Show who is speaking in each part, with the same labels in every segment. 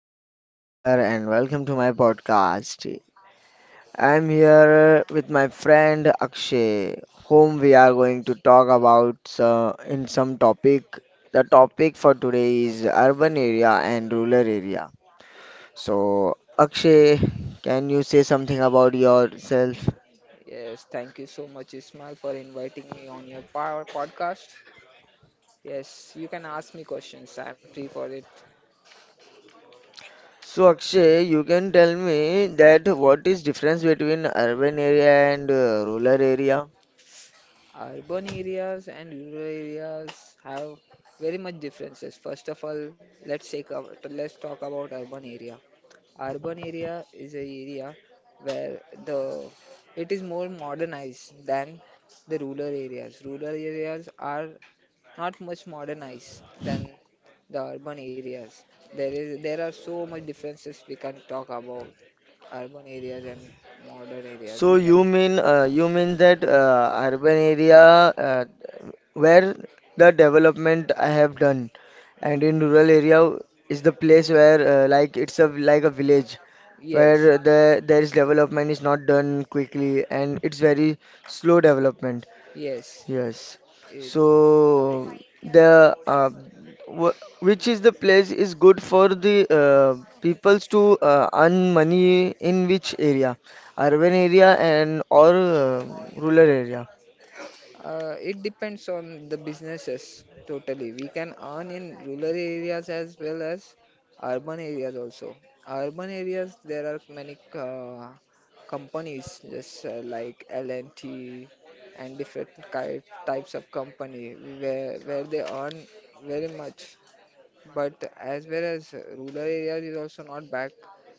Speaker 1: I'm Smile here and welcome to my podcast. I'm here with my friend Akshay, whom we are going to talk about in some topic. The topic for today is urban area and rural area. So Akshay, can you say something about yourself?
Speaker 2: Yes, thank you so much, Ismail, for inviting me on your power podcast. Yes, you can ask me questions. I'm free for it.
Speaker 1: So Akshay, you can tell me that what is difference between urban area and rural area?
Speaker 2: Urban areas and rural areas have very much differences. First of all, let's talk about urban area. Urban area is a area where the it is more modernized than the rural areas. Rural areas are not much modernized than the urban areas. There are so much differences we can talk about urban areas and modern areas.
Speaker 1: So
Speaker 2: You can.
Speaker 1: you mean that urban area, uh, where the development I have done, and in rural area is the place where like it's a like a village
Speaker 2: Yes,
Speaker 1: where there is development is not done quickly and it's very slow development.
Speaker 2: yes.
Speaker 1: Yes.
Speaker 2: It,
Speaker 1: So the wh which is the place is good for the peoples to earn money in which area? Urban area and or rural area?
Speaker 2: It depends on the businesses totally. We can earn in rural areas as well as urban areas also. Urban areas there are many companies just like L&T and T and different types of company where they earn very much but as well as rural areas is also not back.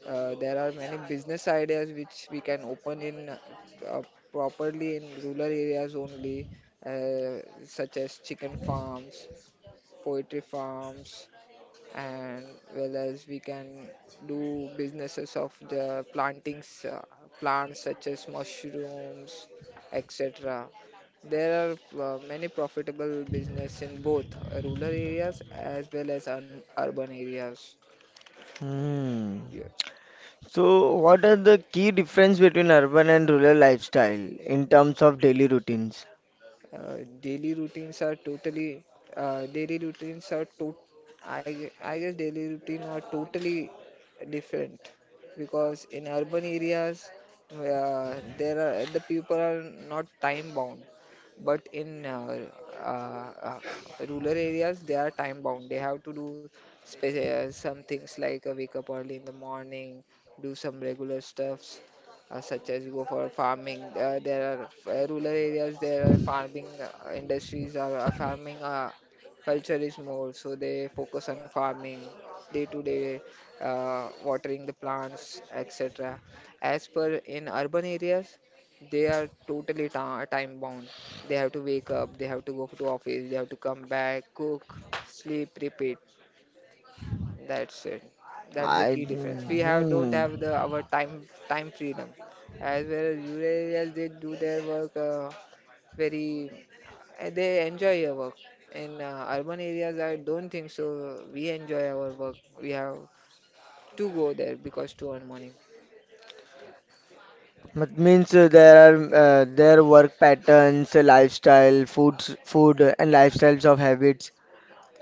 Speaker 2: There are many business ideas which we can open in uh, properly in rural areas only, uh, such as chicken farms, poultry farms, and well as we can do businesses of the plantings plants such as mushrooms, etc. There are many profitable business in both rural areas as well as urban areas.
Speaker 1: Hmm.
Speaker 2: Yeah.
Speaker 1: So what are the key difference between urban and rural lifestyle in terms of daily routines?
Speaker 2: uh, daily routines are totally daily routines are to I guess daily routine are totally different because in urban areas the people are not time bound but in uh, uh, rural areas they are time bound they have to do some things like wake up early in the morning, do some regular stuffs such as go for farming. There are rural areas, there are farming industries, or farming culture is more, so they focus on farming day to day, watering the plants, etc. As per in urban areas, they are totally time bound. They have to wake up, they have to go to office, they have to come back, cook, sleep, repeat. That's it. That's the
Speaker 1: I
Speaker 2: key difference. We have don't
Speaker 1: hmm.
Speaker 2: have the our time freedom, as well as rural areas they do their work very they enjoy their work. In urban areas, I don't think so. We enjoy our work. We have to go there because to earn money.
Speaker 1: But means there are their work patterns, lifestyle, food, and lifestyles of habits.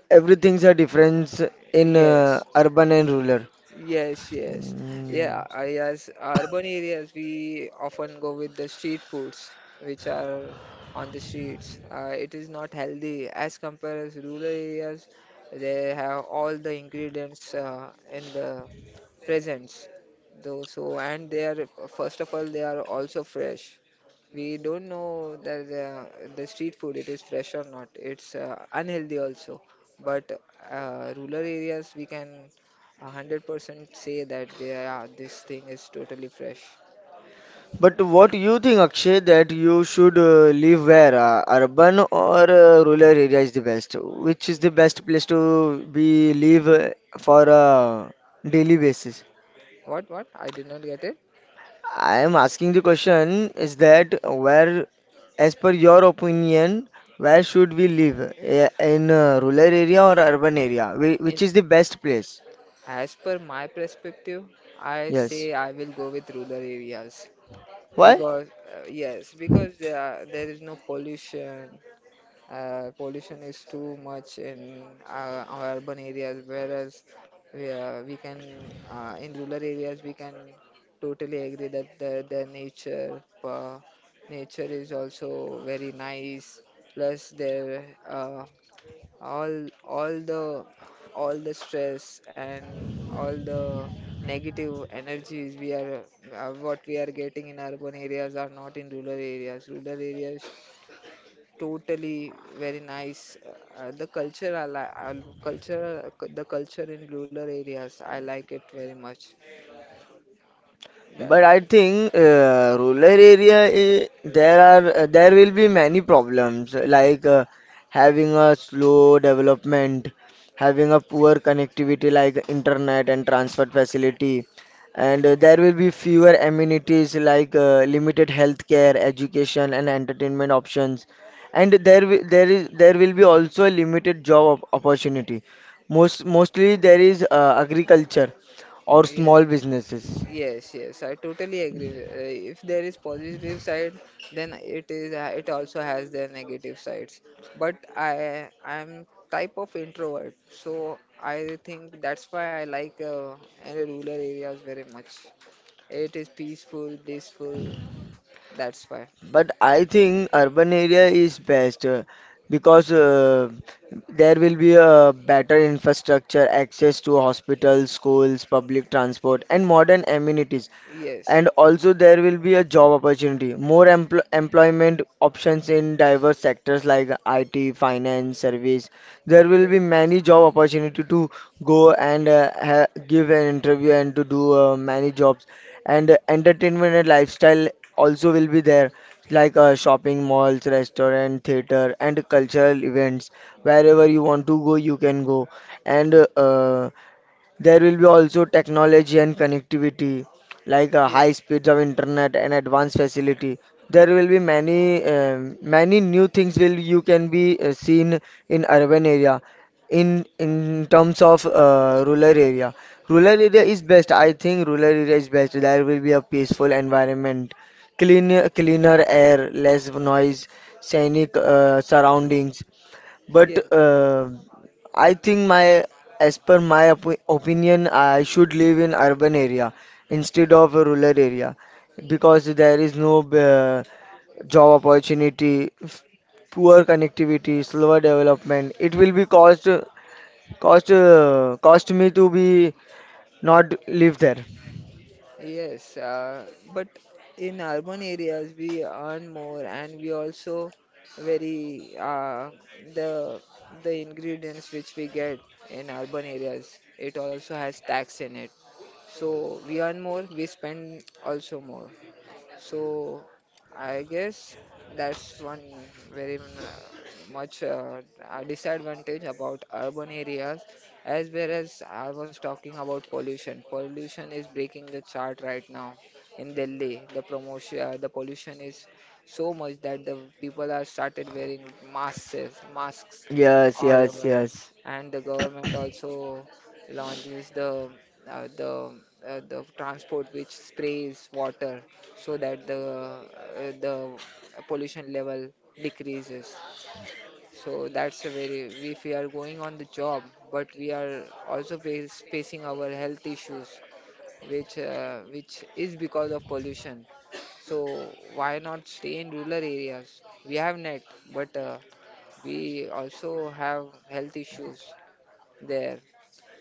Speaker 1: Everything's a difference in
Speaker 2: Yes,
Speaker 1: urban and rural.
Speaker 2: yes, yes.
Speaker 1: Mm.
Speaker 2: Yeah, as urban areas, we often go with the street foods which are on the streets. It is not healthy as compared as rural areas. They have all the ingredients in the presents though so. And they are, first of all, they are also fresh. We don't know that the street food, it is fresh or not. It's unhealthy also. But rural areas we can 100% say that they are, this thing is totally fresh.
Speaker 1: But what you think, Akshay, that you should live where, urban or rural area is the best? Which is the best place to be live for a daily basis?
Speaker 2: What I did not get it.
Speaker 1: I am asking the question is that where, as per your opinion, where should we live? Eh, in a rural area or urban area?
Speaker 2: in,
Speaker 1: Which is the best place?
Speaker 2: as per my perspective, I say
Speaker 1: Yes.
Speaker 2: I will go with rural areas.
Speaker 1: Why?
Speaker 2: Because, yes, because there is no pollution. Pollution is too much in our urban areas, whereas we can in rural areas we can totally agree that the nature, nature is also very nice. Plus, there all all the all the stress and all the negative energies, we are what we are getting in urban areas are not in rural areas. Rural areas, totally very nice. The culture in rural areas, I like it very much.
Speaker 1: But
Speaker 2: That
Speaker 1: I think rural area, eh, there are there will be many problems like having a slow development, having a poor connectivity like internet and transport facility, and there will be fewer amenities like limited healthcare, education, and entertainment options, and there is there will be also a limited opportunity. Mostly there is agriculture or
Speaker 2: Yes.
Speaker 1: small businesses.
Speaker 2: Yes, yes, I totally agree. If there is positive side, then it also has their negative sides. But I I'm type of introvert, so I think that's why I like in rural areas very much. It is peaceful, blissful. That's why.
Speaker 1: But I think urban area is best because there will be a better infrastructure, access to hospitals, schools, public transport, and modern amenities,
Speaker 2: Yes.
Speaker 1: and also there will be a job opportunity, more employment options in diverse sectors like IT, finance, service. There will
Speaker 2: Yes.
Speaker 1: be many job opportunity to go and give an interview and to do many jobs, and entertainment and lifestyle also will be there, like shopping malls, restaurant, theater, and cultural events. Wherever you want to go, you can go, and there will be also technology and connectivity, like
Speaker 2: Yes.
Speaker 1: high speeds of internet and advanced facility. There will be many many new things will you can be seen in urban area. In terms of rural area is best. I think rural area is best. There will be a peaceful environment, cleaner air, less noise, scenic surroundings. But
Speaker 2: Yes,
Speaker 1: I think as per my opinion, I should live in urban area instead of a rural area because there is no job opportunity, poor connectivity, slower development. It will be cost me to be not live there.
Speaker 2: yes. But in urban areas, we earn more, and we also very the the ingredients which we get in urban areas. It also has tax in it, so we earn more, we spend also more. So I guess that's one very much a disadvantage about urban areas, as well as I was talking about pollution. Pollution is breaking the chart right now in Delhi. The pollution is so much that the people are started wearing masks, masks
Speaker 1: Yes,
Speaker 2: all
Speaker 1: yes,
Speaker 2: over it,
Speaker 1: yes,
Speaker 2: and the government also launches the uh, the transport which sprays water so that the pollution level decreases. So that's a very If we are going on the job, but we are also facing our health issues, which is because of pollution. So why not stay in rural areas? We have net, but we also have health issues there.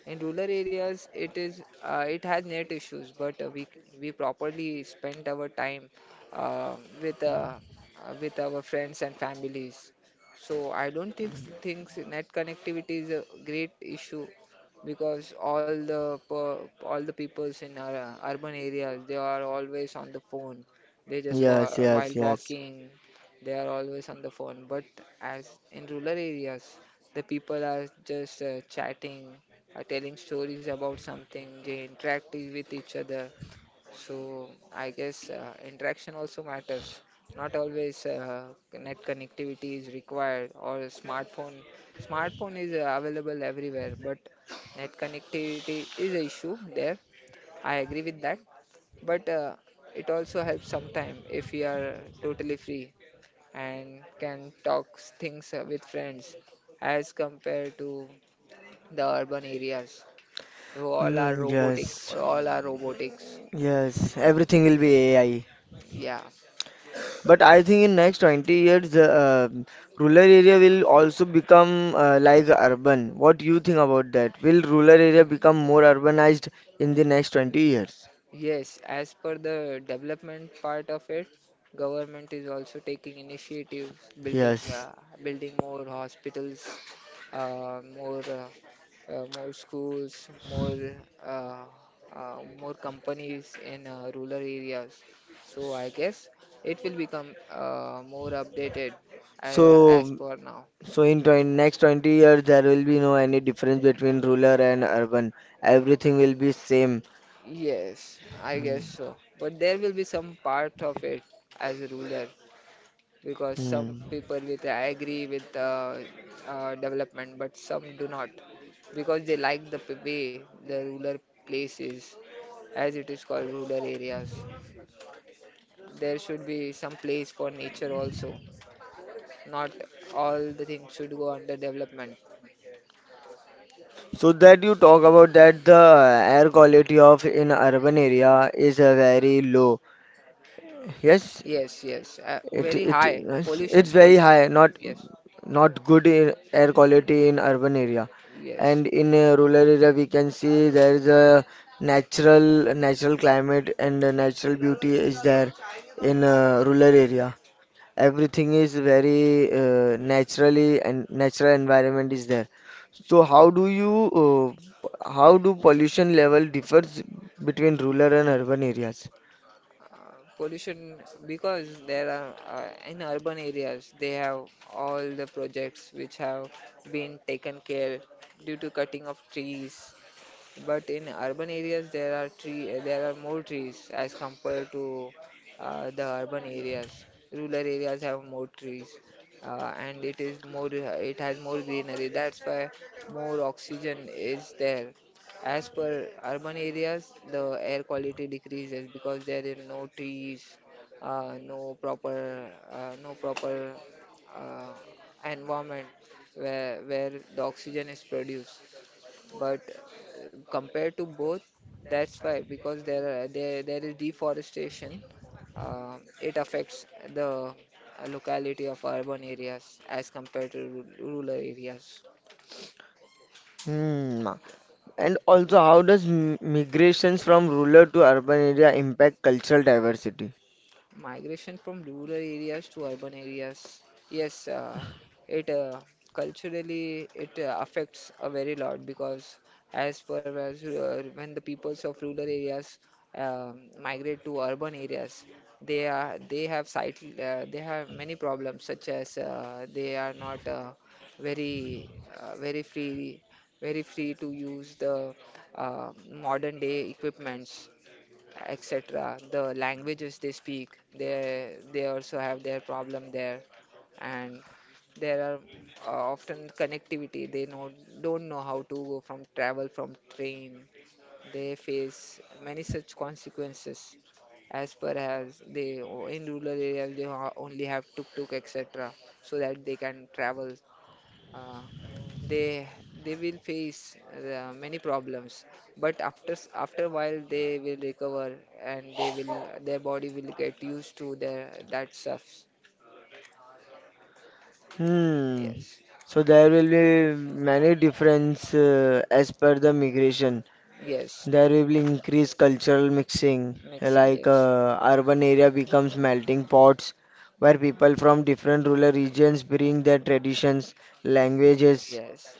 Speaker 2: In rural areas, it has net issues, but we properly spend our time uh, with uh, with our friends and families. So I don't think things net connectivity is a great issue because all the peoples in our urban areas they are always on the phone. They just
Speaker 1: yes,
Speaker 2: while
Speaker 1: yes, yes,
Speaker 2: walking, they are always on the phone. But as in rural areas, the people are just chatting, telling stories about something, they interact with each other. So I guess interaction also matters, not always net connectivity is required or a smartphone. Smartphone is available everywhere but net connectivity is a issue there. I agree with that, but it also helps sometime if we are totally free and can talk things with friends as compared to the urban areas. So, all are
Speaker 1: mm,
Speaker 2: robotic,
Speaker 1: yes,
Speaker 2: all are robotics.
Speaker 1: yes. Everything will be AI.
Speaker 2: Yeah.
Speaker 1: But I think in next 20 years, rural area will also become like urban. What do you think about that? Will rural area become more urbanized in the next 20 years?
Speaker 2: Yes, as per the development part of it, government is also taking initiatives, building
Speaker 1: Yes.
Speaker 2: uh, building more hospitals, more schools, uh, more companies in rural areas. So I guess it will become more updated, as
Speaker 1: So,
Speaker 2: per now.
Speaker 1: in next 20 years, there will be no any difference between rural and urban. Everything will be same.
Speaker 2: Yes, I guess
Speaker 1: Hmm.
Speaker 2: so. But there will be some part of it as a ruler, because some
Speaker 1: Hmm.
Speaker 2: people with agree with development, but some do not, because they like the way the ruler places, as it is called rural areas. There should be some place for nature also. Not all the things should go under development.
Speaker 1: So that you talk about that the air quality of in urban area is very low. Yes,
Speaker 2: Yes, yes.
Speaker 1: It
Speaker 2: Very
Speaker 1: it
Speaker 2: high pollution,
Speaker 1: it's very
Speaker 2: pollution.
Speaker 1: high, not
Speaker 2: Yes,
Speaker 1: not good in air quality in urban area,
Speaker 2: yes.
Speaker 1: and in a rural area we can see there is a natural climate and a natural beauty is there in a rural area. Everything is very naturally and natural environment is there. So how do pollution level differs between rural and urban areas?
Speaker 2: Pollution, because there are in urban areas they have all the projects which have been taken care due to cutting of trees. But in urban areas, there are more trees as compared to the urban areas. Rural areas have more trees, and it has more greenery. That's why more oxygen is there. As per urban areas, the air quality decreases because there is no trees, no proper uh, environment where the oxygen is produced. But compared to both, that's why. Because there are, there is deforestation, it affects the locality of urban areas as compared to rural areas.
Speaker 1: Hmm. And also, how does migrations from rural to urban area impact cultural diversity?
Speaker 2: Migration from rural areas to urban areas. Yes, it culturally it affects a very lot, because as per as when the peoples of rural areas migrate to urban areas, they are they have sight they have many problems such as they are not very uh, very free very free to use the uh, modern day equipments, etc. The languages they speak, they also have their problem there, and there are often connectivity. They know don't know how to go from travel from train. They face many such consequences, as per as they in rural areas they only have tuk tuk, etc. so that they can travel, uh, they they will face many problems, but after a while they will recover, and they will their body will get used to their that stuff.
Speaker 1: Hmm.
Speaker 2: Yes.
Speaker 1: So there will be many difference as per the migration.
Speaker 2: Yes.
Speaker 1: There will be increased cultural mixing,
Speaker 2: Mixing,
Speaker 1: like
Speaker 2: yes.
Speaker 1: urban area becomes melting pots, where people from different rural regions bring their traditions, languages.
Speaker 2: Yes,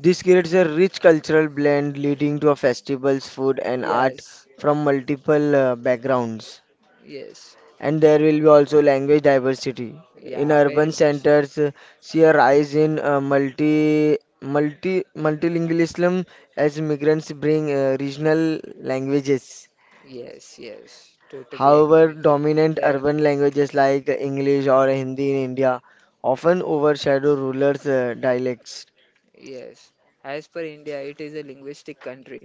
Speaker 1: This creates a rich cultural blend, leading to a festivals, food, and art
Speaker 2: yes,
Speaker 1: from multiple backgrounds.
Speaker 2: yes.
Speaker 1: And there will be also language diversity. In
Speaker 2: Yeah, very
Speaker 1: urban
Speaker 2: much.
Speaker 1: centers, see a rise in multilingualism as migrants bring regional languages.
Speaker 2: Yes, yes, totally agree
Speaker 1: However,
Speaker 2: with you.
Speaker 1: dominant
Speaker 2: There.
Speaker 1: urban languages like English or Hindi in India often overshadow rural dialects.
Speaker 2: Yes, as per India, it is a linguistic country.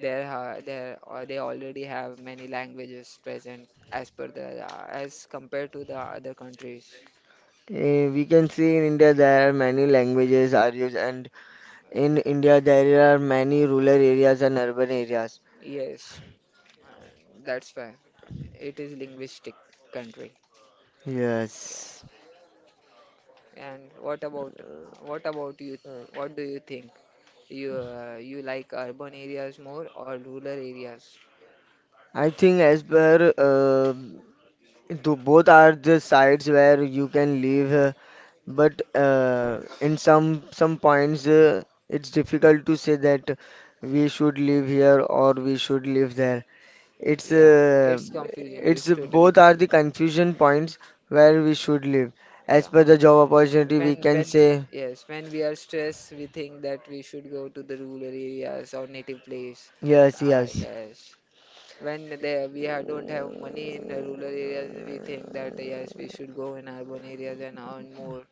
Speaker 2: There are They already have many languages present as compared to the other countries.
Speaker 1: Eh, we can see in India there are many languages are used, and in
Speaker 2: Yeah.
Speaker 1: India there are many rural areas and urban areas.
Speaker 2: Yes, uh, that's why it is linguistic country. Yeah.
Speaker 1: Yes.
Speaker 2: And what about you? What do you think? You like urban areas more or rural areas?
Speaker 1: I think as per both are the sides where you can live, but in some points it's difficult to say that we should live here or we should live there. It's
Speaker 2: Yeah,
Speaker 1: uh,
Speaker 2: it's confusing.
Speaker 1: it's
Speaker 2: It's totally
Speaker 1: both are
Speaker 2: confusing.
Speaker 1: the confusion points where we should live. As
Speaker 2: Yeah.
Speaker 1: per the job opportunity, we can
Speaker 2: When
Speaker 1: say
Speaker 2: Yes, when we are stressed, we think that we should go to the rural areas or native place.
Speaker 1: yes,
Speaker 2: Ah,
Speaker 1: yes,
Speaker 2: yes. We ha don't have money in the rural areas, we think that yes, we should go in urban areas and earn more,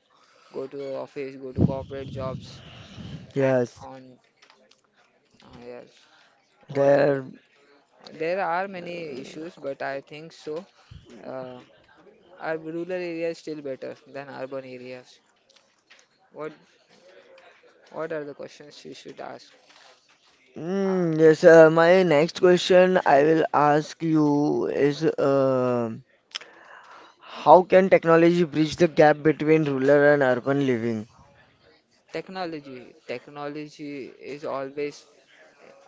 Speaker 2: go to office, go to corporate jobs, and
Speaker 1: yes.
Speaker 2: on. Ah, yes. What
Speaker 1: There
Speaker 2: about? There are many issues, but I think so. Uh, our rural areas still better than urban areas. What What are the questions you should ask? Uh,
Speaker 1: mm, yes, my next question I will ask you is how can technology bridge the gap between rural and urban living?
Speaker 2: Technology. Technology is always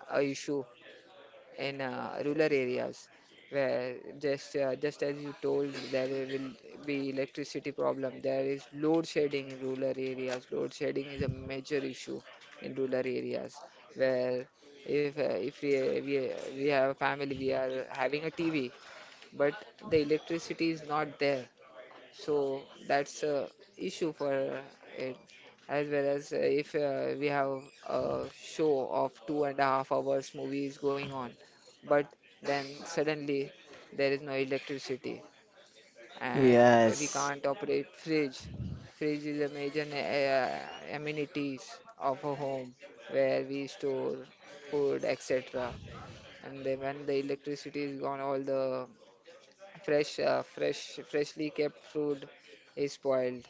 Speaker 2: a issue in rural areas where just as you told there will be electricity problem. There is load shedding in rural areas. Load shedding is a major issue in rural areas where if uh, if we, we we have a family we are having a TV but the electricity is not there, so that's a issue for it. As well as if we have a show of 2.5 hours movies going on, but then suddenly there is no electricity and we
Speaker 1: Yes.
Speaker 2: can't operate fridge. Fridge is a major amenities of a home where we store food, etc. And then when the electricity is gone, all the freshly kept food is spoiled,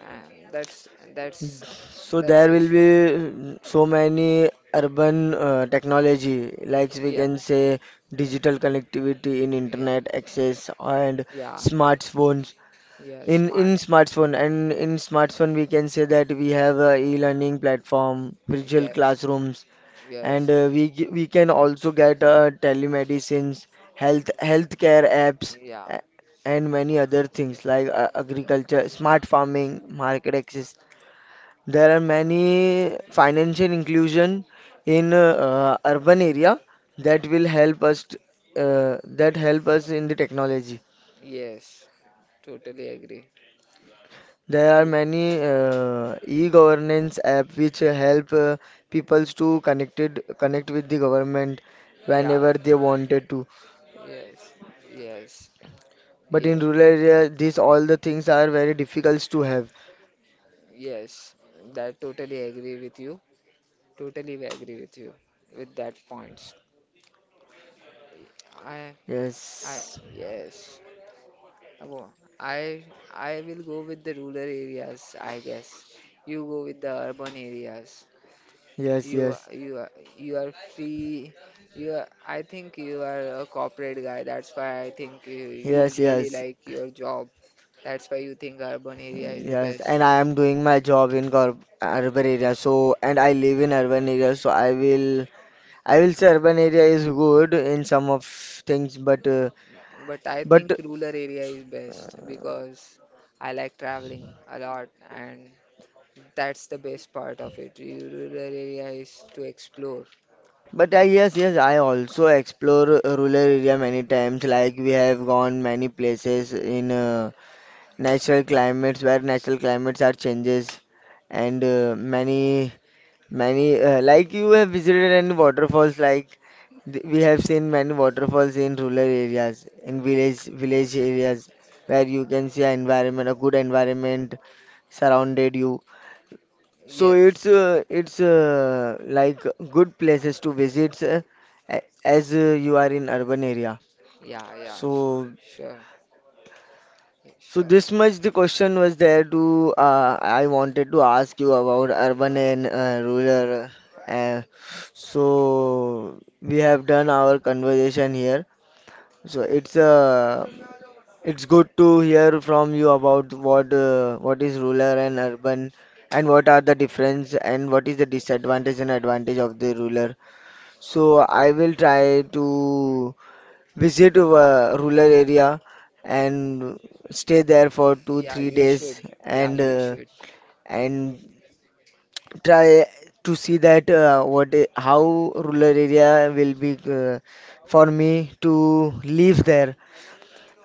Speaker 2: and that's
Speaker 1: So there
Speaker 2: that's it.
Speaker 1: will be mm, so many urban technology, like we
Speaker 2: Yeah,
Speaker 1: can say digital connectivity in
Speaker 2: yeah,
Speaker 1: internet access and
Speaker 2: yeah,
Speaker 1: smartphones.
Speaker 2: yeah. Smart.
Speaker 1: In smartphone and in smartphone we can say that we have a e-learning platform, virtual
Speaker 2: Yes,
Speaker 1: classrooms, and
Speaker 2: yes,
Speaker 1: we can also get telemedicines, healthcare apps,
Speaker 2: yeah,
Speaker 1: a- and many other things like agriculture, smart farming, market access. There are many financial inclusion in urban area that will that help us in the technology.
Speaker 2: yes. Totally agree.
Speaker 1: There are
Speaker 2: To,
Speaker 1: many e-governance app which help peoples to connect with the government
Speaker 2: yeah,
Speaker 1: whenever they wanted to.
Speaker 2: yes, yes,
Speaker 1: But in
Speaker 2: yes,
Speaker 1: rural area, these all the things are very difficult to have.
Speaker 2: yes. That totally agree with you. Totally agree with you with that points. I, I,
Speaker 1: Yes,
Speaker 2: yes. Wo- I, I will go with the rural areas, I guess. You go with the urban areas.
Speaker 1: yes,
Speaker 2: You
Speaker 1: yes,
Speaker 2: you you are free. I think you are a corporate guy. That's why I think you
Speaker 1: yes,
Speaker 2: really
Speaker 1: yes,
Speaker 2: like your job. That's why you think urban area is the
Speaker 1: yes. And
Speaker 2: best.
Speaker 1: I am doing my job in urban area. So, and I live in urban area. So I will say urban area is good in some of things, but,
Speaker 2: But I think
Speaker 1: but,
Speaker 2: rural area is best because I like traveling a lot and that's the best part of it. Rural area is to explore.
Speaker 1: but I yes, yes. I also explore rural area many times. Like we have gone many places in natural climates where natural climates are changes and many, like you have visited any waterfalls, like we have seen many waterfalls in rural areas, in village areas, where you can see a environment, a good environment surrounded you. So
Speaker 2: Yes.
Speaker 1: it's like good places to visit as you are in urban area.
Speaker 2: Yeah, yeah.
Speaker 1: So,
Speaker 2: Sure. Yeah,
Speaker 1: so
Speaker 2: sure.
Speaker 1: this much the question was there to I wanted to ask you about urban and rural. Uh, so we have done our conversation here. So it's good to hear from you about what is rural and urban and what are the difference and what is the disadvantage and advantage of the ruler. So
Speaker 2: Oh.
Speaker 1: I will try to visit a rural area and stay there for two
Speaker 2: Yeah,
Speaker 1: three
Speaker 2: you
Speaker 1: days
Speaker 2: should. Yeah,
Speaker 1: and
Speaker 2: you should.
Speaker 1: and try to see that how rural area will be uh, for me to live there.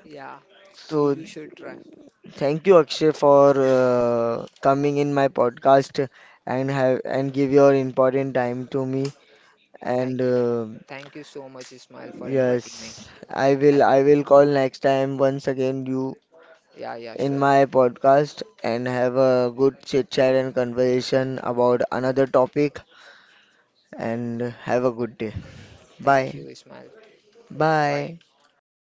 Speaker 2: Yeah,
Speaker 1: So
Speaker 2: you should try.
Speaker 1: thank you Akshay for coming in my podcast and have and give your important time to me,
Speaker 2: Thank,
Speaker 1: and
Speaker 2: thank you so much, Ismail, for inviting me
Speaker 1: yes,
Speaker 2: as
Speaker 1: I will call next time once again you
Speaker 2: well. Yeah, yeah,
Speaker 1: in
Speaker 2: sure.
Speaker 1: my podcast and have a good chit chat and conversation about another topic, and have a good day.
Speaker 2: Thank you,
Speaker 1: Bye.
Speaker 2: Ismail. Bye.
Speaker 1: Bye.
Speaker 2: Bye.